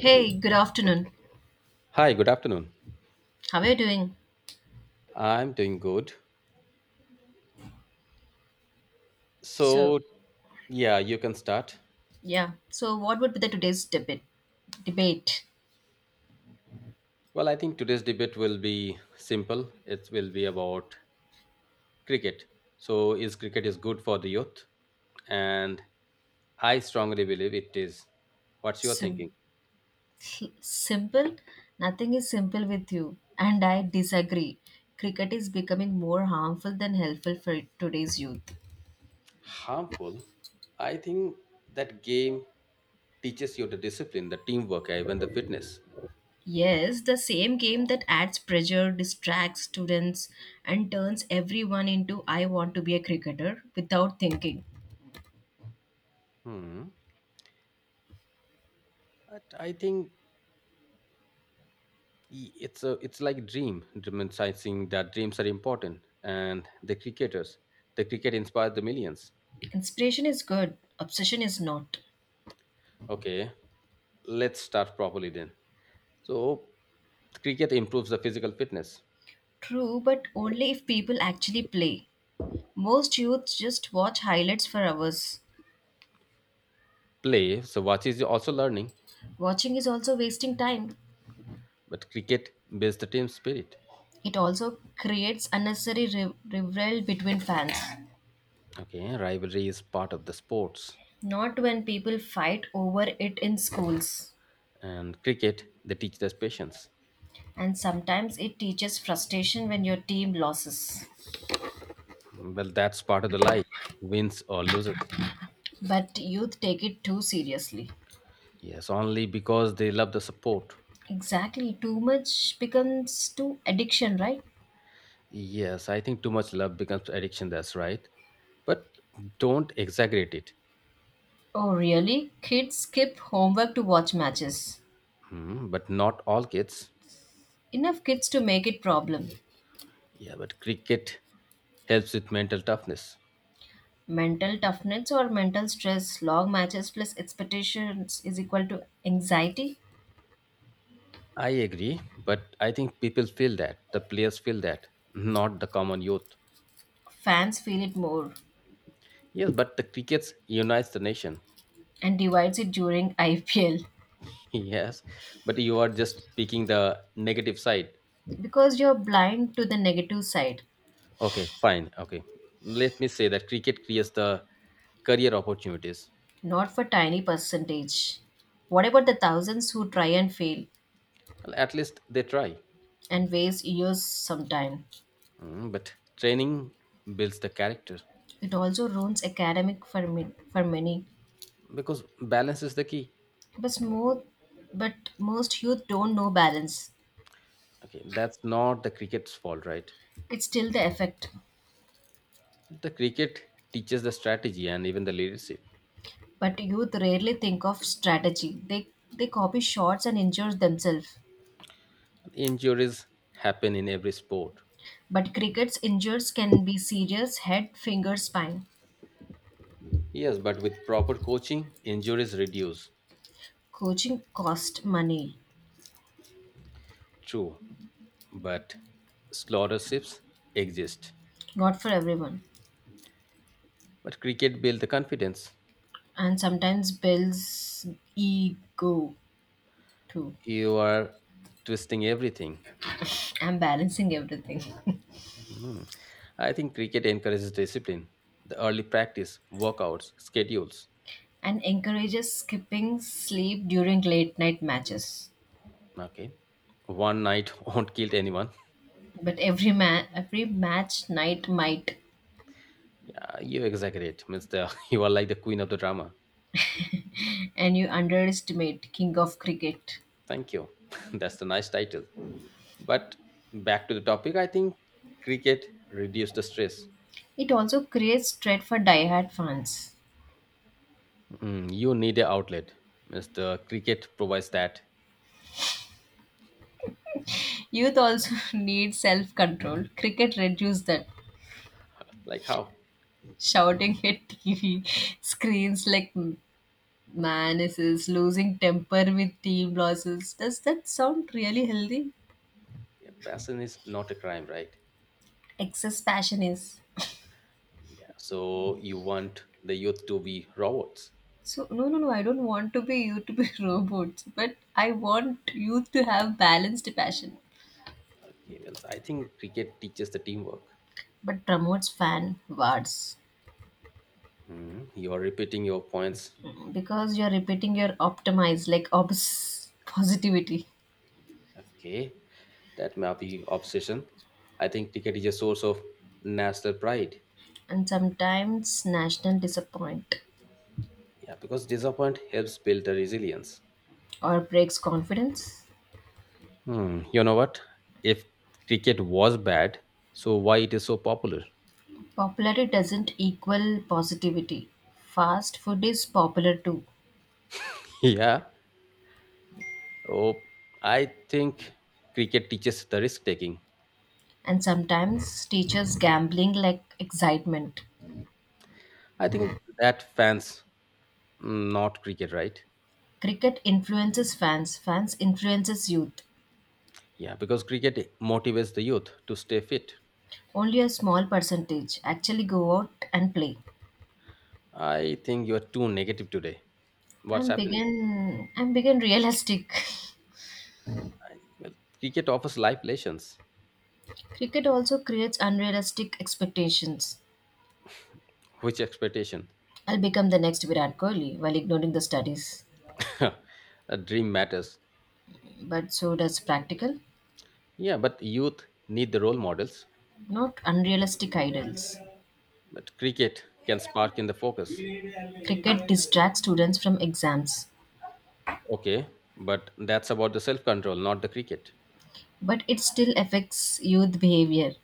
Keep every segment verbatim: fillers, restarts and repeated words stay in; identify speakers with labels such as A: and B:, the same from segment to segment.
A: Hey, good afternoon.
B: Hi, good afternoon.
A: How are you doing?
B: I'm doing good.
A: So,
B: So, yeah, you can start.
A: yeah. So, what would be the today's debate? Debate.
B: Well, I think today's debate will be simple. It will be about cricket. So, is cricket is good for the youth? And I strongly believe it is. What's your
A: Sim-
B: thinking?
A: Simple. Nothing is simple with you, and I disagree. Cricket is becoming more harmful than helpful for today's youth.
B: Harmful. I think that game teaches you the discipline, the teamwork, even the fitness.
A: Yes, the same game that adds pressure, distracts students, and turns everyone into I want to be a cricketer without thinking.
B: Hmm. But I think Y- It's a, it's like dream, romanticizing that dreams are important and the cricketers, the cricket inspired the millions.
A: Inspiration is good, obsession is not.
B: Okay, let's start properly then. So, cricket improves the physical fitness.
A: True, but only if people actually play. Most youths just watch highlights for hours.
B: Play, so watch is also learning,
A: Watching is also wasting time.
B: but cricket builds the team spirit.
A: It also creates unnecessary riv- rivalry between fans.
B: Okay, rivalry is part of the sports,
A: Not when people fight over it in schools.
B: and cricket they teach us patience.
A: And sometimes it teaches frustration when your team loses.
B: Well, that's part of the life, wins or loses.
A: But youth take it too seriously.
B: Yes, only because they love the support.
A: Exactly, too much becomes too addiction, right?
B: Yes, I think too much love becomes addiction, that's right. But don't exaggerate it.
A: Oh, really? Kids skip homework to watch matches.
B: Hmm, but not all kids.
A: Enough kids to make it problem.
B: Yeah, but cricket helps with mental toughness.
A: Mental toughness or mental stress, long matches plus expectations is equal to anxiety.
B: I agree, but I think people feel that. The players feel that, not the common youth.
A: Fans feel it more
B: Yes, but the cricket unites the nation.
A: and divides it during I P L,
B: Yes, but you are just picking the negative side.
A: because you're blind to the negative side,
B: Okay, fine. Okay. Let me say that cricket creates the career opportunities.
A: not for tiny percentage. What about the thousands who try and fail
B: Well, at least they try.
A: and waste years sometime?
B: Mm, but training builds the character
A: It also ruins academic for me, for many.
B: because balance is the key.
A: But more, but most youth don't know balance.
B: Okay, that's not the cricket's fault, right?
A: It's still the effect.
B: The cricket teaches the strategy and even the leadership.
A: But youth rarely think of strategy. They they copy shots and injure themselves.
B: Injuries happen in every sport.
A: But cricket's injuries can be serious head, finger, spine.
B: Yes, but with proper coaching, injuries reduce.
A: Coaching cost money.
B: True, but slaughterships exist.
A: Not for everyone.
B: But cricket builds the confidence.
A: And sometimes builds ego too.
B: You are twisting everything.
A: I'm balancing everything.
B: Mm. I think cricket encourages discipline, the early practice, workouts, schedules.
A: And encourages skipping sleep during late night matches.
B: Okay. One night won't kill anyone.
A: But every ma- every match night might,
B: Yeah, you exaggerate, Mister. You are like the queen of the drama.
A: and you underestimate King of Cricket.
B: Thank you. That's the nice title. But back to the topic, I think cricket reduces the stress.
A: It also creates dread for diehard fans.
B: Mm, you need an outlet, Mister. Cricket provides that.
A: Youth also need self control. Cricket reduces that.
B: Like how?
A: Shouting at T V screens like manises, losing temper with team losses. Does that sound really healthy?
B: Yeah, passion is not a crime, right?
A: Excess passion is.
B: Yeah. So you want the youth to be robots?
A: So, no, no, no, I don't want to be you to be robots, but I want youth to have balanced passion.
B: Okay, then I think cricket teaches the teamwork.
A: But promotes fan wars
B: Mhm. You are repeating your points.
A: because you're repeating your optimize like obs positivity
B: Okay, that may be obsession. I think cricket is a source of national pride.
A: and sometimes national disappoint
B: Yeah, because disappointment helps build the resilience.
A: or breaks confidence.
B: Hmm, you know what? If cricket was bad, so why it is so popular?
A: Popularity doesn't equal positivity. Fast food is popular too,
B: Yeah. Oh, I think cricket teaches the risk taking.
A: and sometimes teachers gambling like excitement.
B: I think that fans, mm, not cricket, right?
A: Cricket influences fans, fans influences youth.
B: Yeah, because cricket motivates the youth to stay fit.
A: Only a small percentage actually go out and play.
B: I think you are too negative today. What's
A: I'm
B: happening?
A: begin I'm begin realistic.
B: Well, cricket offers life lessons.
A: Cricket also creates unrealistic expectations.
B: Which expectation?
A: I'll become the next Virat Kohli while ignoring the studies,
B: A dream matters.
A: but so does practical,
B: Yeah, but youth need the role models.
A: not unrealistic ideals.
B: But cricket can spark in the focus.
A: Cricket distracts students from exams,
B: Okay, but that's about the self control, not the cricket.
A: but it still affects youth behavior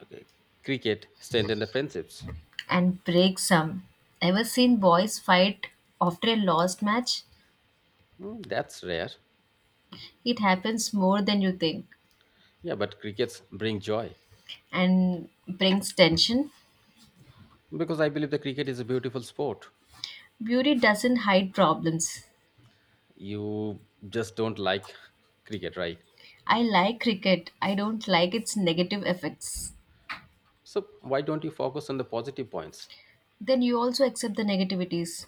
B: Okay, cricket strengthen the friendships.
A: and breaks some. Ever seen boys fight after a lost match?
B: Hmm, that's rare.
A: It happens more than you think
B: Yeah, but crickets bring joy
A: and brings tension.
B: because I believe the cricket is a beautiful sport.
A: Beauty doesn't hide problems.
B: You just don't like cricket, right?
A: I like cricket, I don't like its negative effects.
B: So why don't you focus on the positive points?
A: Then you also accept the negativities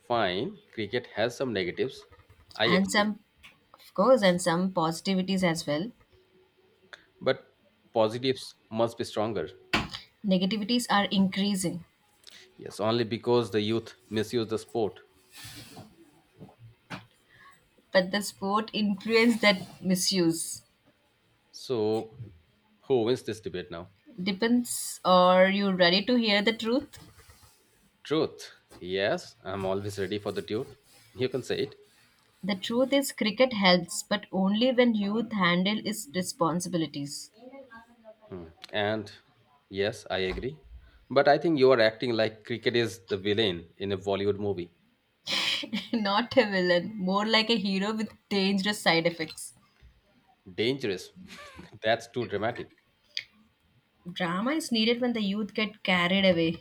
B: Fine, cricket has some negatives. I
A: and
B: accept.
A: some, of course, and some positivities as well.
B: But positives must be stronger.
A: Negativities are increasing,
B: Yes, only because the youth misuse the sport.
A: but the sport influence that misuse.
B: So, who wins this debate now?
A: Depends, are you ready to hear the truth?
B: Truth. Yes, I'm always ready for the dude. You can say it.
A: The truth is cricket helps, but only when youth handle its responsibilities.
B: Hmm. And yes, I agree. But I think you are acting like cricket is the villain in a Bollywood movie.
A: Not a villain, more like a hero with dangerous side effects.
B: Dangerous. That's too dramatic.
A: Drama is needed when the youth get carried away,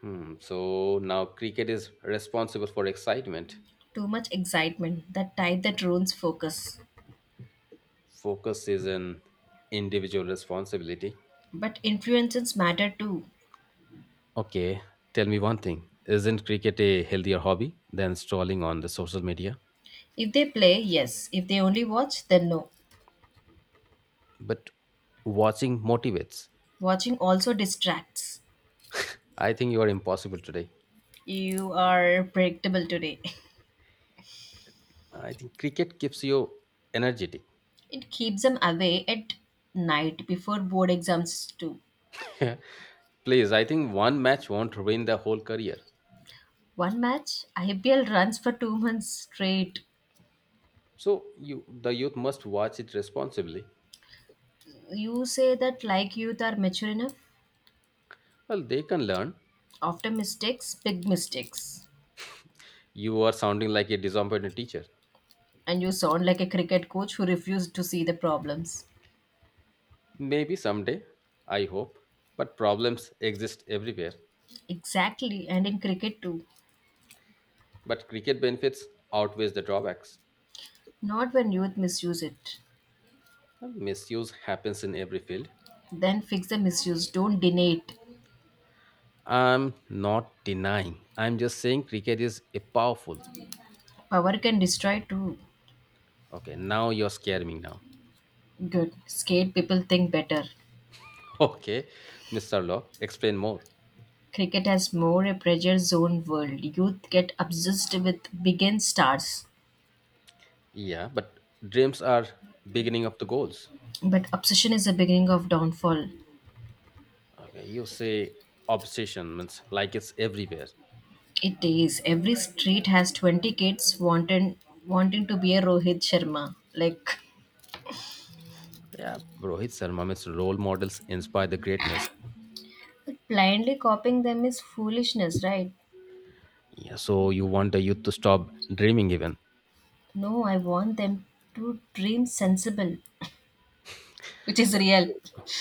B: Hmm. So now cricket is responsible for excitement.
A: too much excitement that type that ruins focus,
B: Focus is an individual responsibility.
A: but influences matter too.
B: Okay, tell me one thing. Isn't cricket a healthier hobby than strolling on the social media?
A: If they play yes, if they only watch then no.
B: But watching motivates.
A: Watching also distracts.
B: I think you are impossible today.
A: You are predictable today.
B: I think cricket keeps you energetic.
A: It keeps them away at night before board exams too.
B: Please, I think one match won't ruin the whole career.
A: One match, I P L runs for two months straight.
B: So you the youth must watch it responsibly.
A: You say that like youth are mature enough
B: Well, they can learn.
A: after mistakes, big mistakes.
B: You are sounding like a disappointed teacher.
A: And you sound like a cricket coach who refused to see the problems.
B: Maybe someday, I hope. But problems exist everywhere.
A: Exactly, and in cricket too.
B: But cricket benefits outweighs the drawbacks.
A: Not when youth misuse it.
B: Well, misuse happens in every field.
A: Then fix the misuse, don't deny it.
B: I'm not denying. I'm just saying cricket is a powerful.
A: Power can destroy too.
B: Okay, now you're scaring me now.
A: Good. Skate people think better.
B: Okay, mister Law, explain more.
A: Cricket has more a pressure zone world. Youth get obsessed with begin stars.
B: Yeah, but dreams are beginning of the goals.
A: But obsession is the beginning of downfall.
B: Okay, you say obsession means like it's everywhere.
A: It is. Every street has twenty kids wanting, wanting to be a Rohit Sharma. Like,
B: Yeah, Rohit Sharma means role models inspire the greatness.
A: blindly copying them is foolishness, right?
B: Yeah, so you want the youth to stop dreaming even.
A: No, I want them to dream sensible, which is
B: Well,
A: real.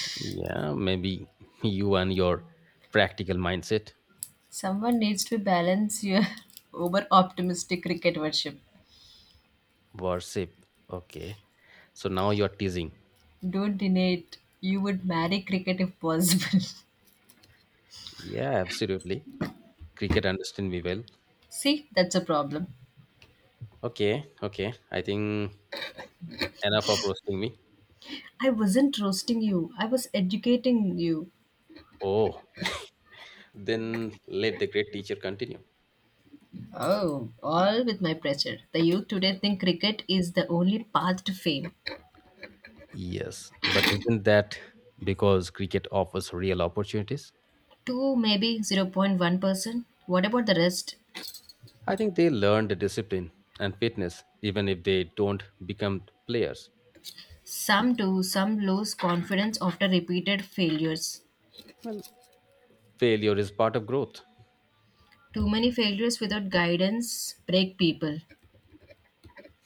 B: you- yeah, maybe you and your practical mindset.
A: Someone needs to balance your over optimistic cricket worship.
B: Worship. Okay. So now you're teasing.
A: Don't deny it. You would marry cricket if possible.
B: Yeah, absolutely. Cricket understand me well.
A: See, that's a problem.
B: Okay, okay. I think enough of roasting me.
A: I wasn't roasting you, I was educating you.
B: Oh, then let the great teacher continue.
A: Oh, all with my pressure. The youth today think cricket is the only path to fame.
B: Yes, but isn't that because cricket offers real opportunities?
A: Two, maybe zero point one percent. What about the rest?
B: I think they learn the discipline and fitness even if they don't become players.
A: Some do, some lose confidence after repeated failures.
B: Well, failure is part of growth.
A: Too many failures without guidance break people.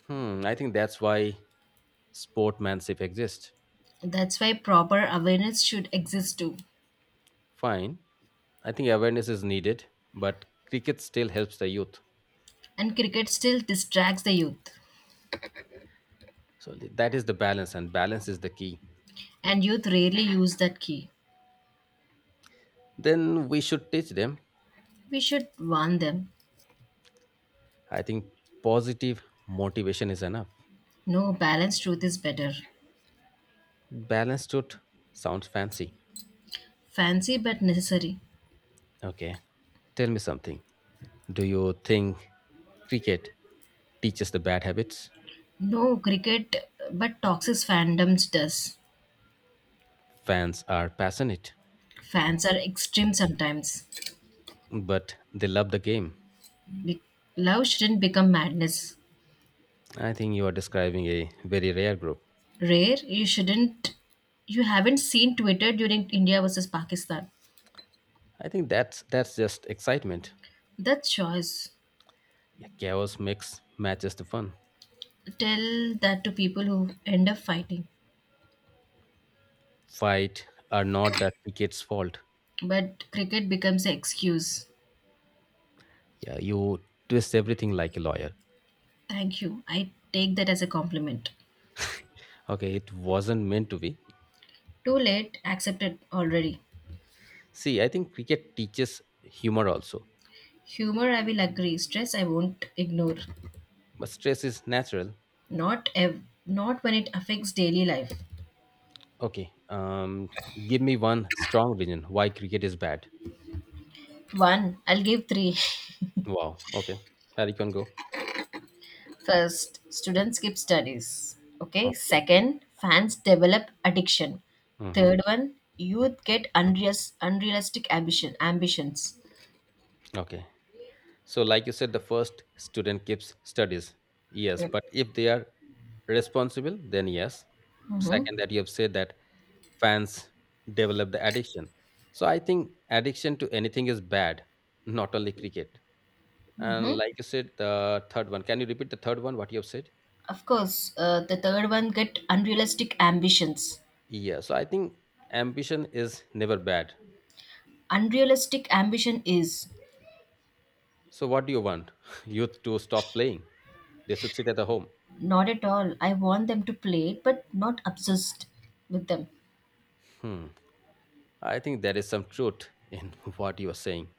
B: Hmm, I think that's why sportmanship exists.
A: That's why proper awareness should exist too.
B: Fine. I think awareness is needed, but cricket still helps the youth.
A: And cricket still distracts the youth.
B: So th- that is the balance, and balance is the key.
A: And youth rarely use that key.
B: Then we should teach them.
A: We should warn them.
B: I think positive motivation is enough.
A: No, balanced truth is better.
B: Balance should sounds fancy.
A: Fancy but necessary.
B: Okay, tell me something. Do you think cricket teaches the bad habits?
A: No cricket but toxic fandoms does.
B: Fans are passionate,
A: Fans are extreme sometimes.
B: but they love the game.
A: Be- Love shouldn't become madness.
B: I think you are describing a very rare group.
A: Rare, you shouldn't. You haven't seen Twitter during India versus Pakistan.
B: I think that's that's just excitement.
A: That's choice.
B: Yeah, chaos makes matches the fun.
A: Tell that to people who end up fighting.
B: Fight are not that ticket's fault.
A: But cricket becomes an excuse.
B: Yeah, you twist everything like a lawyer.
A: Thank you. I take that as a compliment.
B: Okay, it wasn't meant to be.
A: Too late, accepted already.
B: See, I think cricket teaches humor also,
A: Humor I will agree, stress I won't ignore.
B: but stress is natural.
A: Not ev- Not when it affects daily life.
B: Okay, um, give me one strong reason why cricket is bad.
A: One, I'll give three.
B: Wow. Okay, Harry can go.
A: First, students skip studies. Okay.
B: Okay.
A: Second, fans develop addiction.
B: Mm-hmm.
A: Third one, youth get unreas- unrealistic ambition ambitions.
B: Okay. So, like you said, the first student keeps studies. Yes, but if they are responsible, then yes.
A: Mm-hmm.
B: Second, that you have said that fans develop the addiction. So I think addiction to anything is bad, not only cricket.
A: Mm-hmm.
B: And like you said, the third one. Can you repeat the third one? What you have said?
A: Of course, uh, the third one get unrealistic ambitions.
B: Yeah. So I think ambition is never bad.
A: Unrealistic ambition is
B: So what do you want? Youth to stop playing? They should sit at the home.
A: not at all. I want them to play but not obsessed with them.
B: Hmm. I think there is some truth in what you are saying.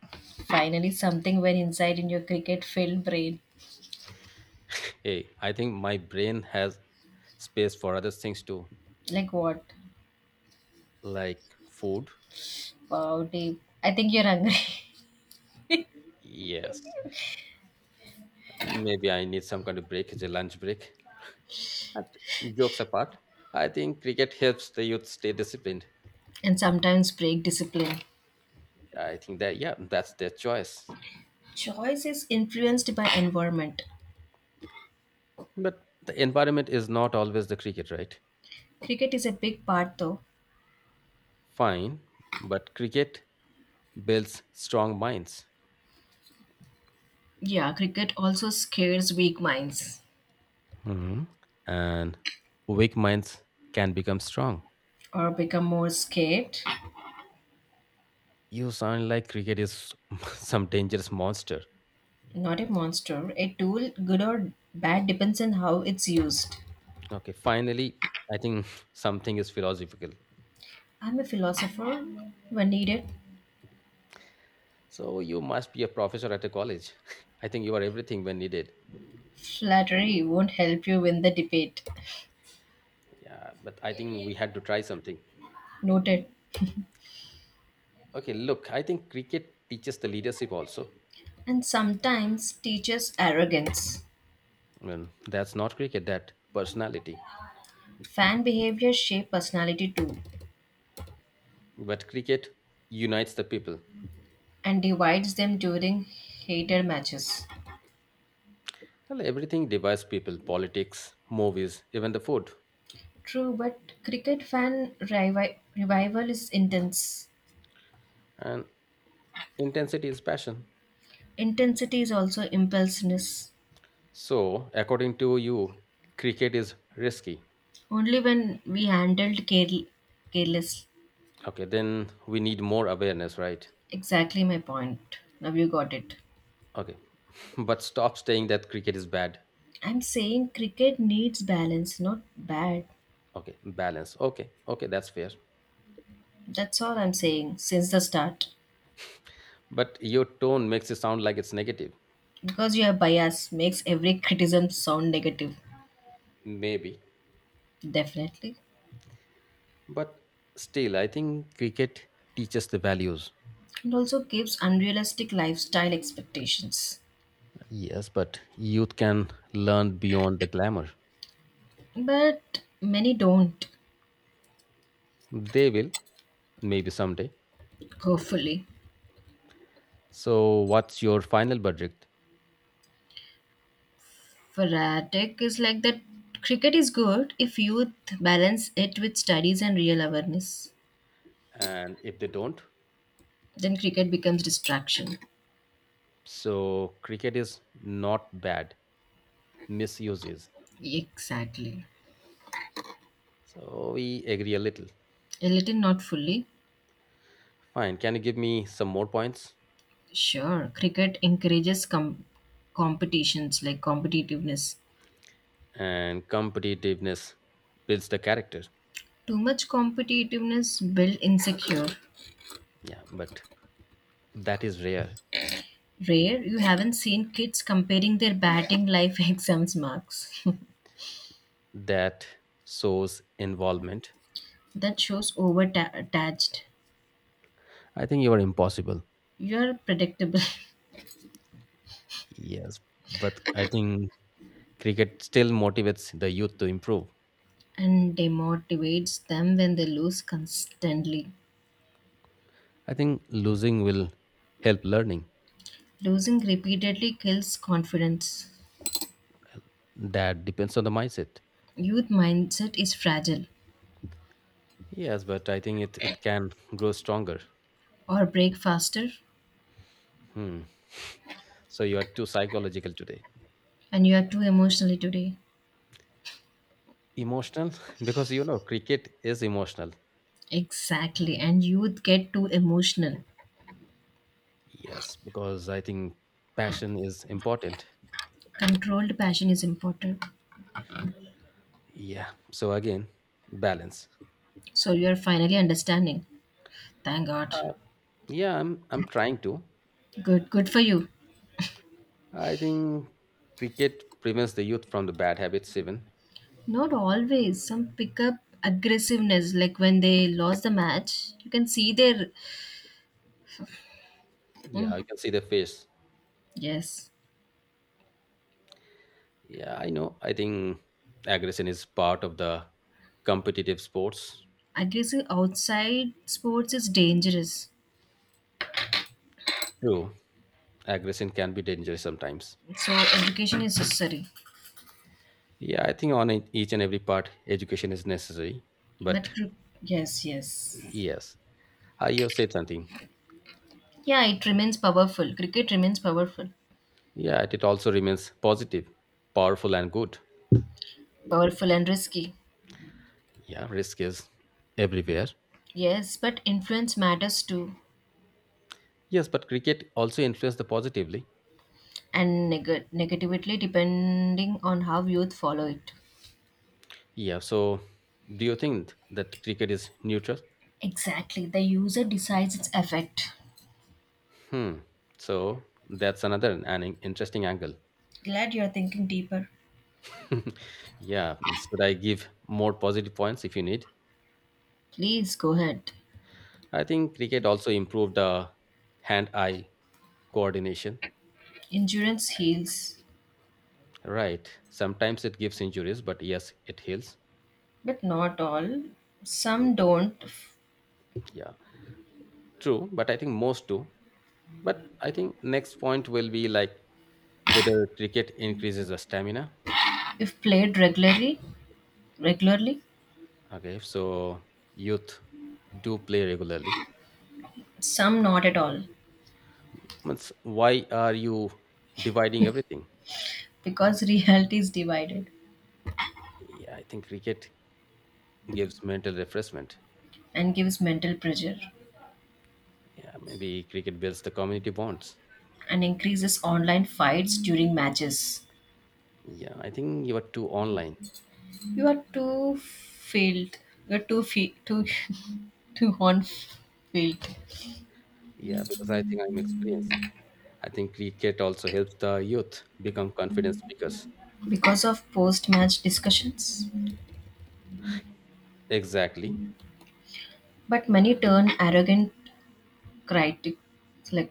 A: Finally, something went inside in your cricket filled brain.
B: Hey, I think my brain has space for other things too,
A: Like what?
B: like food.
A: Wow, deep. I think you're hungry.
B: Yes. Maybe I need some kind of break, it's a lunch break. But jokes apart, I think cricket helps the youth stay disciplined.
A: And sometimes break discipline.
B: I think that, yeah, that's their choice.
A: Choice is influenced by environment.
B: But the environment is not always the cricket, right?
A: Cricket is a big part though.
B: Fine, but cricket builds strong minds.
A: Yeah, cricket also scares weak minds
B: Hmm. And weak minds can become strong.
A: or become more scared.
B: You sound like cricket is some dangerous monster.
A: Not a monster. A tool, good or bad, depends on how it's used.
B: Okay, finally, I think something is philosophical.
A: I'm a philosopher when needed.
B: So you must be a professor at a college. I think you are everything when needed.
A: Flattery won't help you win the debate.
B: Yeah, but I think we had to try something.
A: Noted.
B: Okay, look, I think cricket teaches the leadership also.
A: And sometimes teaches arrogance.
B: Well, that's not cricket, that personality.
A: Fan behavior shape personality too,
B: But cricket unites the people.
A: and divides them during hated matches.
B: Well, everything divides people politics, movies, even the food.
A: True, but cricket fan revi- revival is intense.
B: And intensity is passion.
A: Intensity is also impulsiveness.
B: So, according to you, cricket is risky.
A: Only when we handled care- careless.
B: Okay, then we need more awareness, right?
A: Exactly my point. Now you got it.
B: Okay, but stop saying that cricket is bad.
A: I'm saying cricket needs balance, not bad.
B: Okay, balance. Okay, okay, that's fair.
A: That's all I'm saying since the start.
B: But your tone makes it sound like it's negative.
A: Because your bias makes every criticism sound negative.
B: Maybe.
A: Definitely.
B: But still, I think cricket teaches the values.
A: And also gives unrealistic lifestyle expectations.
B: Yes, but youth can learn beyond the glamour.
A: But many don't,
B: They will, maybe someday.
A: hopefully.
B: So, what's your final verdict?
A: Fanatic is like that, cricket is good if youth balance it with studies and real awareness.
B: And if they don't,
A: Then cricket becomes distraction.
B: so cricket is not bad, misuse is.
A: Exactly.
B: So, we agree a little.
A: A little, not fully.
B: Fine. Can you give me some more points?
A: Sure, cricket encourages com- competitions like competitiveness.
B: And competitiveness builds the character.
A: Too much competitiveness build insecure.
B: Yeah, but that is rare.
A: Rare, you haven't seen kids comparing their batting life exams marks.
B: That shows involvement.
A: That shows over attached.
B: I think you are impossible.
A: You're predictable
B: Yes, but I think cricket still motivates the youth to improve.
A: and demotivates them when they lose constantly.
B: I think losing will help learning.
A: Losing repeatedly kills confidence.
B: That depends on the mindset.
A: Youth mindset is fragile
B: Yes, but I think it, it can grow stronger.
A: or break faster,
B: Hmm. So you are too psychological today.
A: and you are too emotionally today.
B: Emotional? Because you know, cricket is emotional.
A: Exactly, and youth get too emotional.
B: Yes, because I think passion is important.
A: Controlled passion is important.
B: Yeah. So again, balance.
A: So you're finally understanding. Thank God.
B: Uh, yeah, I'm I'm trying to.
A: Good, good for you.
B: I think cricket prevents the youth from the bad habits, even.
A: Not always. Some pick up aggressiveness, like when they lost the match. You can see their.
B: Yeah,
A: Mm,
B: I can see the face.
A: yes.
B: Yeah, I know. I think aggression is part of the competitive sports.
A: Aggressive outside sports is dangerous.
B: True, aggression can be dangerous sometimes.
A: So education is necessary.
B: Yeah, I think on it- each and every part, education is necessary.
A: But
B: But
A: cri- yes, yes.
B: yes, I have said something.
A: Yeah, it remains powerful. Cricket remains powerful.
B: Yeah, it also remains positive, powerful, and good.
A: Powerful and risky.
B: Yeah, risk is everywhere.
A: Yes, but influence matters too,
B: Yes, but cricket also influenced the positively.
A: and neg- negatively depending on how youth follow it.
B: Yeah, so do you think that cricket is neutral?
A: Exactly, the user decides its effect.
B: Hmm. So that's another an in- interesting angle.
A: Glad you're thinking deeper.
B: Yeah, should I give more positive points if you need?
A: Please go ahead.
B: I think cricket also improved the hand-eye coordination.
A: Endurance heals,
B: Right. Sometimes it gives injuries, but yes, it heals.
A: but not all.
B: Ye-
A: Some don't f-
B: Yeah, true. But I think most do. But I think next point will be like whether cricket increases the stamina.
A: if played regularly, regularly.
B: Okay, so youth do play regularly
A: Some not at all,
B: means why are you dividing everything?
A: because reality is divided
B: Yeah, I think cricket gives mental refreshment.
A: and gives mental pressure
B: Yeah, maybe cricket builds the community bonds.
A: and increases online fights during matches.
B: Yeah, I think you are too online.
A: You are too field. You're too fe- too too on field
B: Yeah, because I think I'm experienced. I think cricket also helps the youth become confident speakers.
A: because of post-match discussions.
B: Exactly.
A: But many turn arrogant critics like,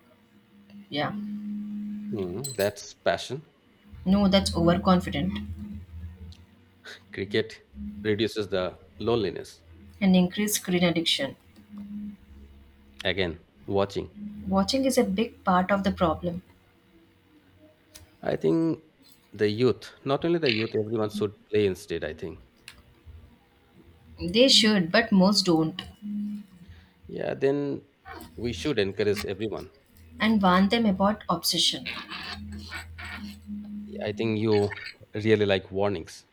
A: yeah,
B: Hmm, that's passion.
A: no, that's overconfident
B: Cricket reduces the loneliness.
A: and increase screen addiction.
B: Again, watching.
A: Watching is a big part of the problem.
B: I think the youth, not only the youth, everyone should play instead, I think.
A: They should, but most don't.
B: Yeah, then we should encourage everyone.
A: And warn them about obsession.
B: I think you really like warnings.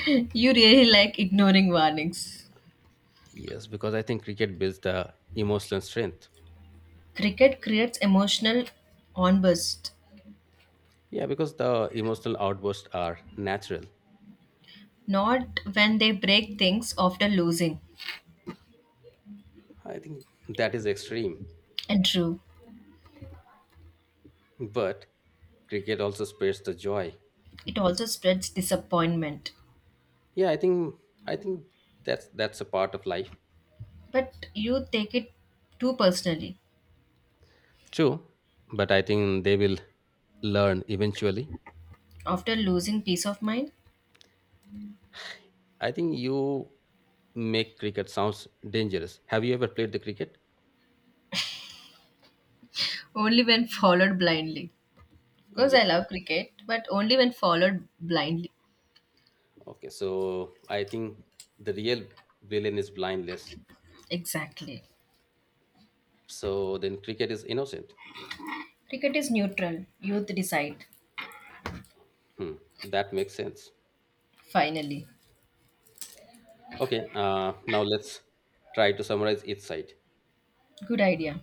A: You really like ignoring warnings.
B: Yes, because I think cricket builds the emotional strength.
A: Cricket creates emotional onburst,
B: Yeah, because the emotional outbursts are natural.
A: not when they break things after losing.
B: I think that is extreme.
A: And true,
B: But cricket also spares the joy.
A: it also spreads disappointment.
B: Yeah, I think I think that's that's a part of life.
A: But you take it too personally.
B: True. But I think they will learn eventually.
A: After losing peace of mind,
B: I think you make cricket sounds dangerous. Have you ever played the cricket?
A: only when followed blindly. Because
B: Yeah.
A: I love cricket, but only when followed blindly.
B: Okay, so I think the real villain is blindness.
A: Exactly.
B: So then cricket is innocent.
A: Cricket is neutral. Youth decide.
B: Hmm, that makes sense.
A: Finally.
B: Okay, uh, now let's try to summarize each side.
A: Good idea.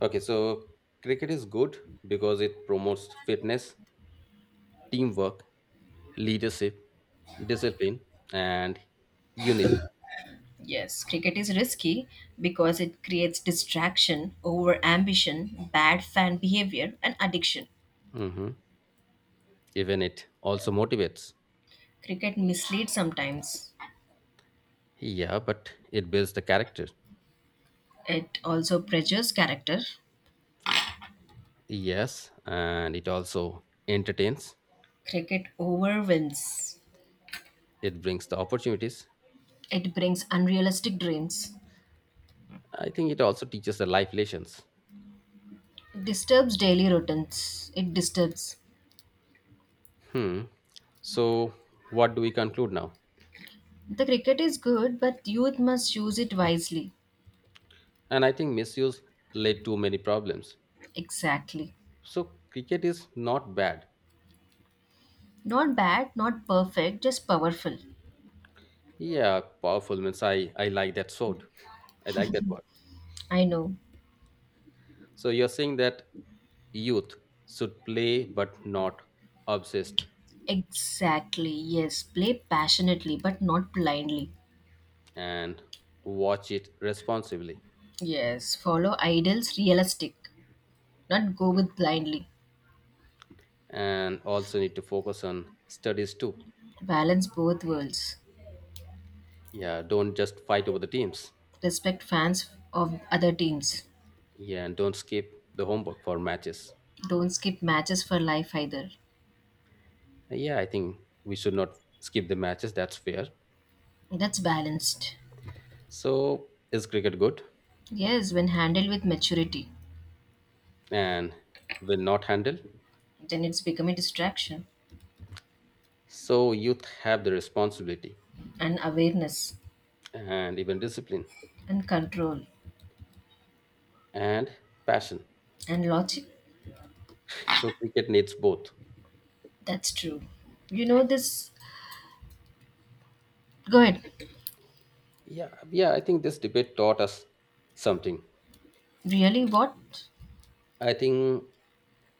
B: Okay, so cricket is good because it promotes fitness, teamwork, leadership, discipline, and unity.
A: Yes, cricket is risky because it creates distraction, over ambition, bad fan behavior, and addiction.
B: Hmm. Even it also motivates.
A: Cricket misleads sometimes.
B: Yeah, but it builds the character.
A: It also pressures character.
B: Yes, and it also entertains.
A: Cricket overwhelms.
B: It brings the opportunities.
A: It brings unrealistic dreams.
B: I think it also teaches the life lessons.
A: It disturbs daily routines. It disturbs.
B: Hmm. So, what do we conclude now?
A: The cricket is good, but youth must use it wisely.
B: And I think misuse led to many problems.
A: Exactly.
B: So, cricket is not bad.
A: Not bad, not perfect, just powerful.
B: Yeah, powerful means I, I like that sword. I like that word.
A: I know.
B: So, you're saying that youth should play but not obsessed
A: Exactly. Yes. Play passionately, but not blindly.
B: and watch it responsibly
A: Yes. Follow ideals realistic, not go with blindly.
B: and also need to focus on studies too.
A: Balance both worlds.
B: Yeah, don't just fight over the teams.
A: Respect fans of other teams.
B: Yeah, and don't skip the homework for matches.
A: Don't skip matches for life either.
B: Yeah, I think we should not skip the matches. That's fair.
A: That's balanced.
B: So, is cricket good
A: Yes, when handled with maturity,
B: and will not handle?
A: then it's become a distraction
B: So, youth have the responsibility
A: and awareness,
B: and even discipline
A: and control,
B: and passion.
A: and logic.
B: So, cricket needs both.
A: That's true. You know this. Go ahead.
B: Yeah, yeah, I think this debate taught us something.
A: Really? What?
B: I think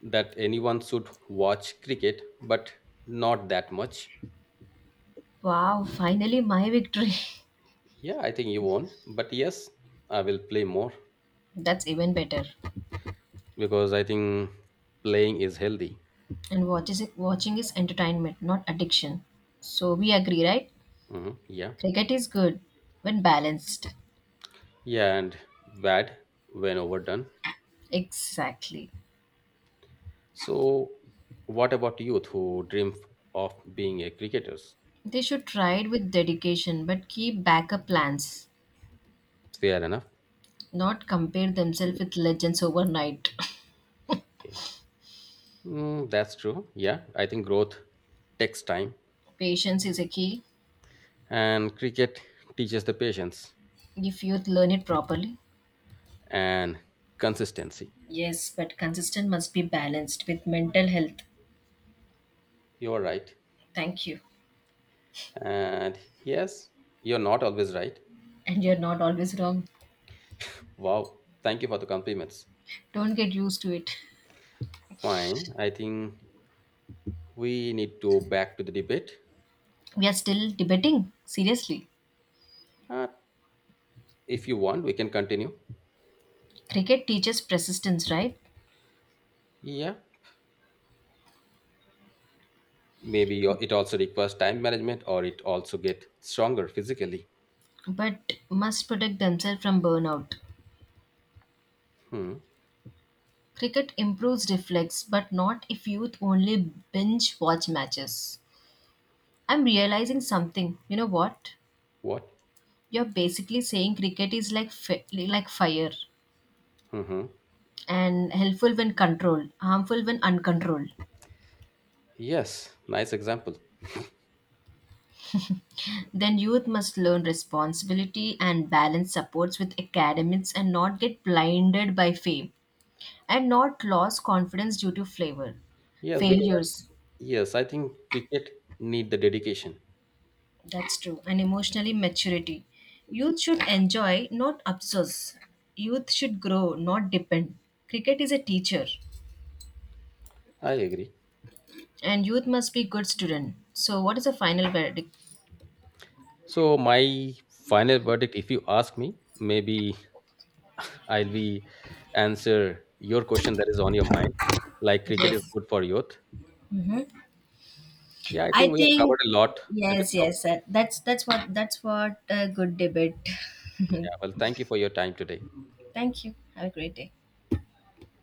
B: that anyone should watch cricket, but not that much.
A: Wow! Finally, my victory.
B: Yeah, I think you won. But yes, I will play more
A: That's even better.
B: because I think playing is healthy.
A: And watch is watching is entertainment, not addiction. So we agree, right?
B: Hmm. Yeah.
A: Cricket is good when balanced.
B: Yeah, and bad when overdone.
A: Exactly.
B: So, what about youth who dream of being a cricketers?
A: They should try it with dedication, but keep backup plans.
B: Fair enough.
A: Not compare themselves with legends overnight.
B: Okay. Mm, that's true. Yeah, I think growth takes time,
A: Patience is a key.
B: and cricket teaches the patience
A: If youth learn it properly,
B: and consistency.
A: yes, but consistent must be balanced with mental health.
B: You're right.
A: Thank you.
B: And yes, you're not always right.
A: And you're not always wrong.
B: Wow. Thank you for the compliments.
A: Don't get used to it.
B: Fine. I think we need to back to the debate.
A: We are still debating. Seriously.
B: Uh, if you want, we can continue.
A: Cricket teaches persistence, right?
B: Yeah. Maybe yo- it also requires time management or it also get stronger physically.
A: But must protect themselves from burnout.
B: Hmm.
A: Cricket improves reflex, but not if youth only binge watch matches. I'm realizing something. You know what?
B: What?
A: You're basically saying cricket is like fi- like fire
B: Mm-hmm.
A: and helpful when controlled, harmful when uncontrolled.
B: Yes, nice example.
A: Then youth must learn responsibility and balance supports with academics and not get blinded by fame and not lose confidence due to flavor.
B: Yes, because I
A: Failures,
B: think, yes, I think cricket need the dedication.
A: that's true, and emotionally maturity. Youth should enjoy, not obsess. Youth should grow, not depend. Cricket is a teacher,
B: I agree.
A: and youth must be good student. So, what is the final verdict?
B: So my final verdict, if you ask me, maybe I'll be answer your question that is on your mind. Like cricket is
A: Yes.
B: good for youth.
A: hmm
B: Yeah, I
A: I
B: think we have
A: think
B: covered a lot in this
A: yes, yes.
B: topic.
A: That, that's that's what that's what a good debate.
B: Yeah, well, thank you for your time today.
A: Thank you. Have a great day.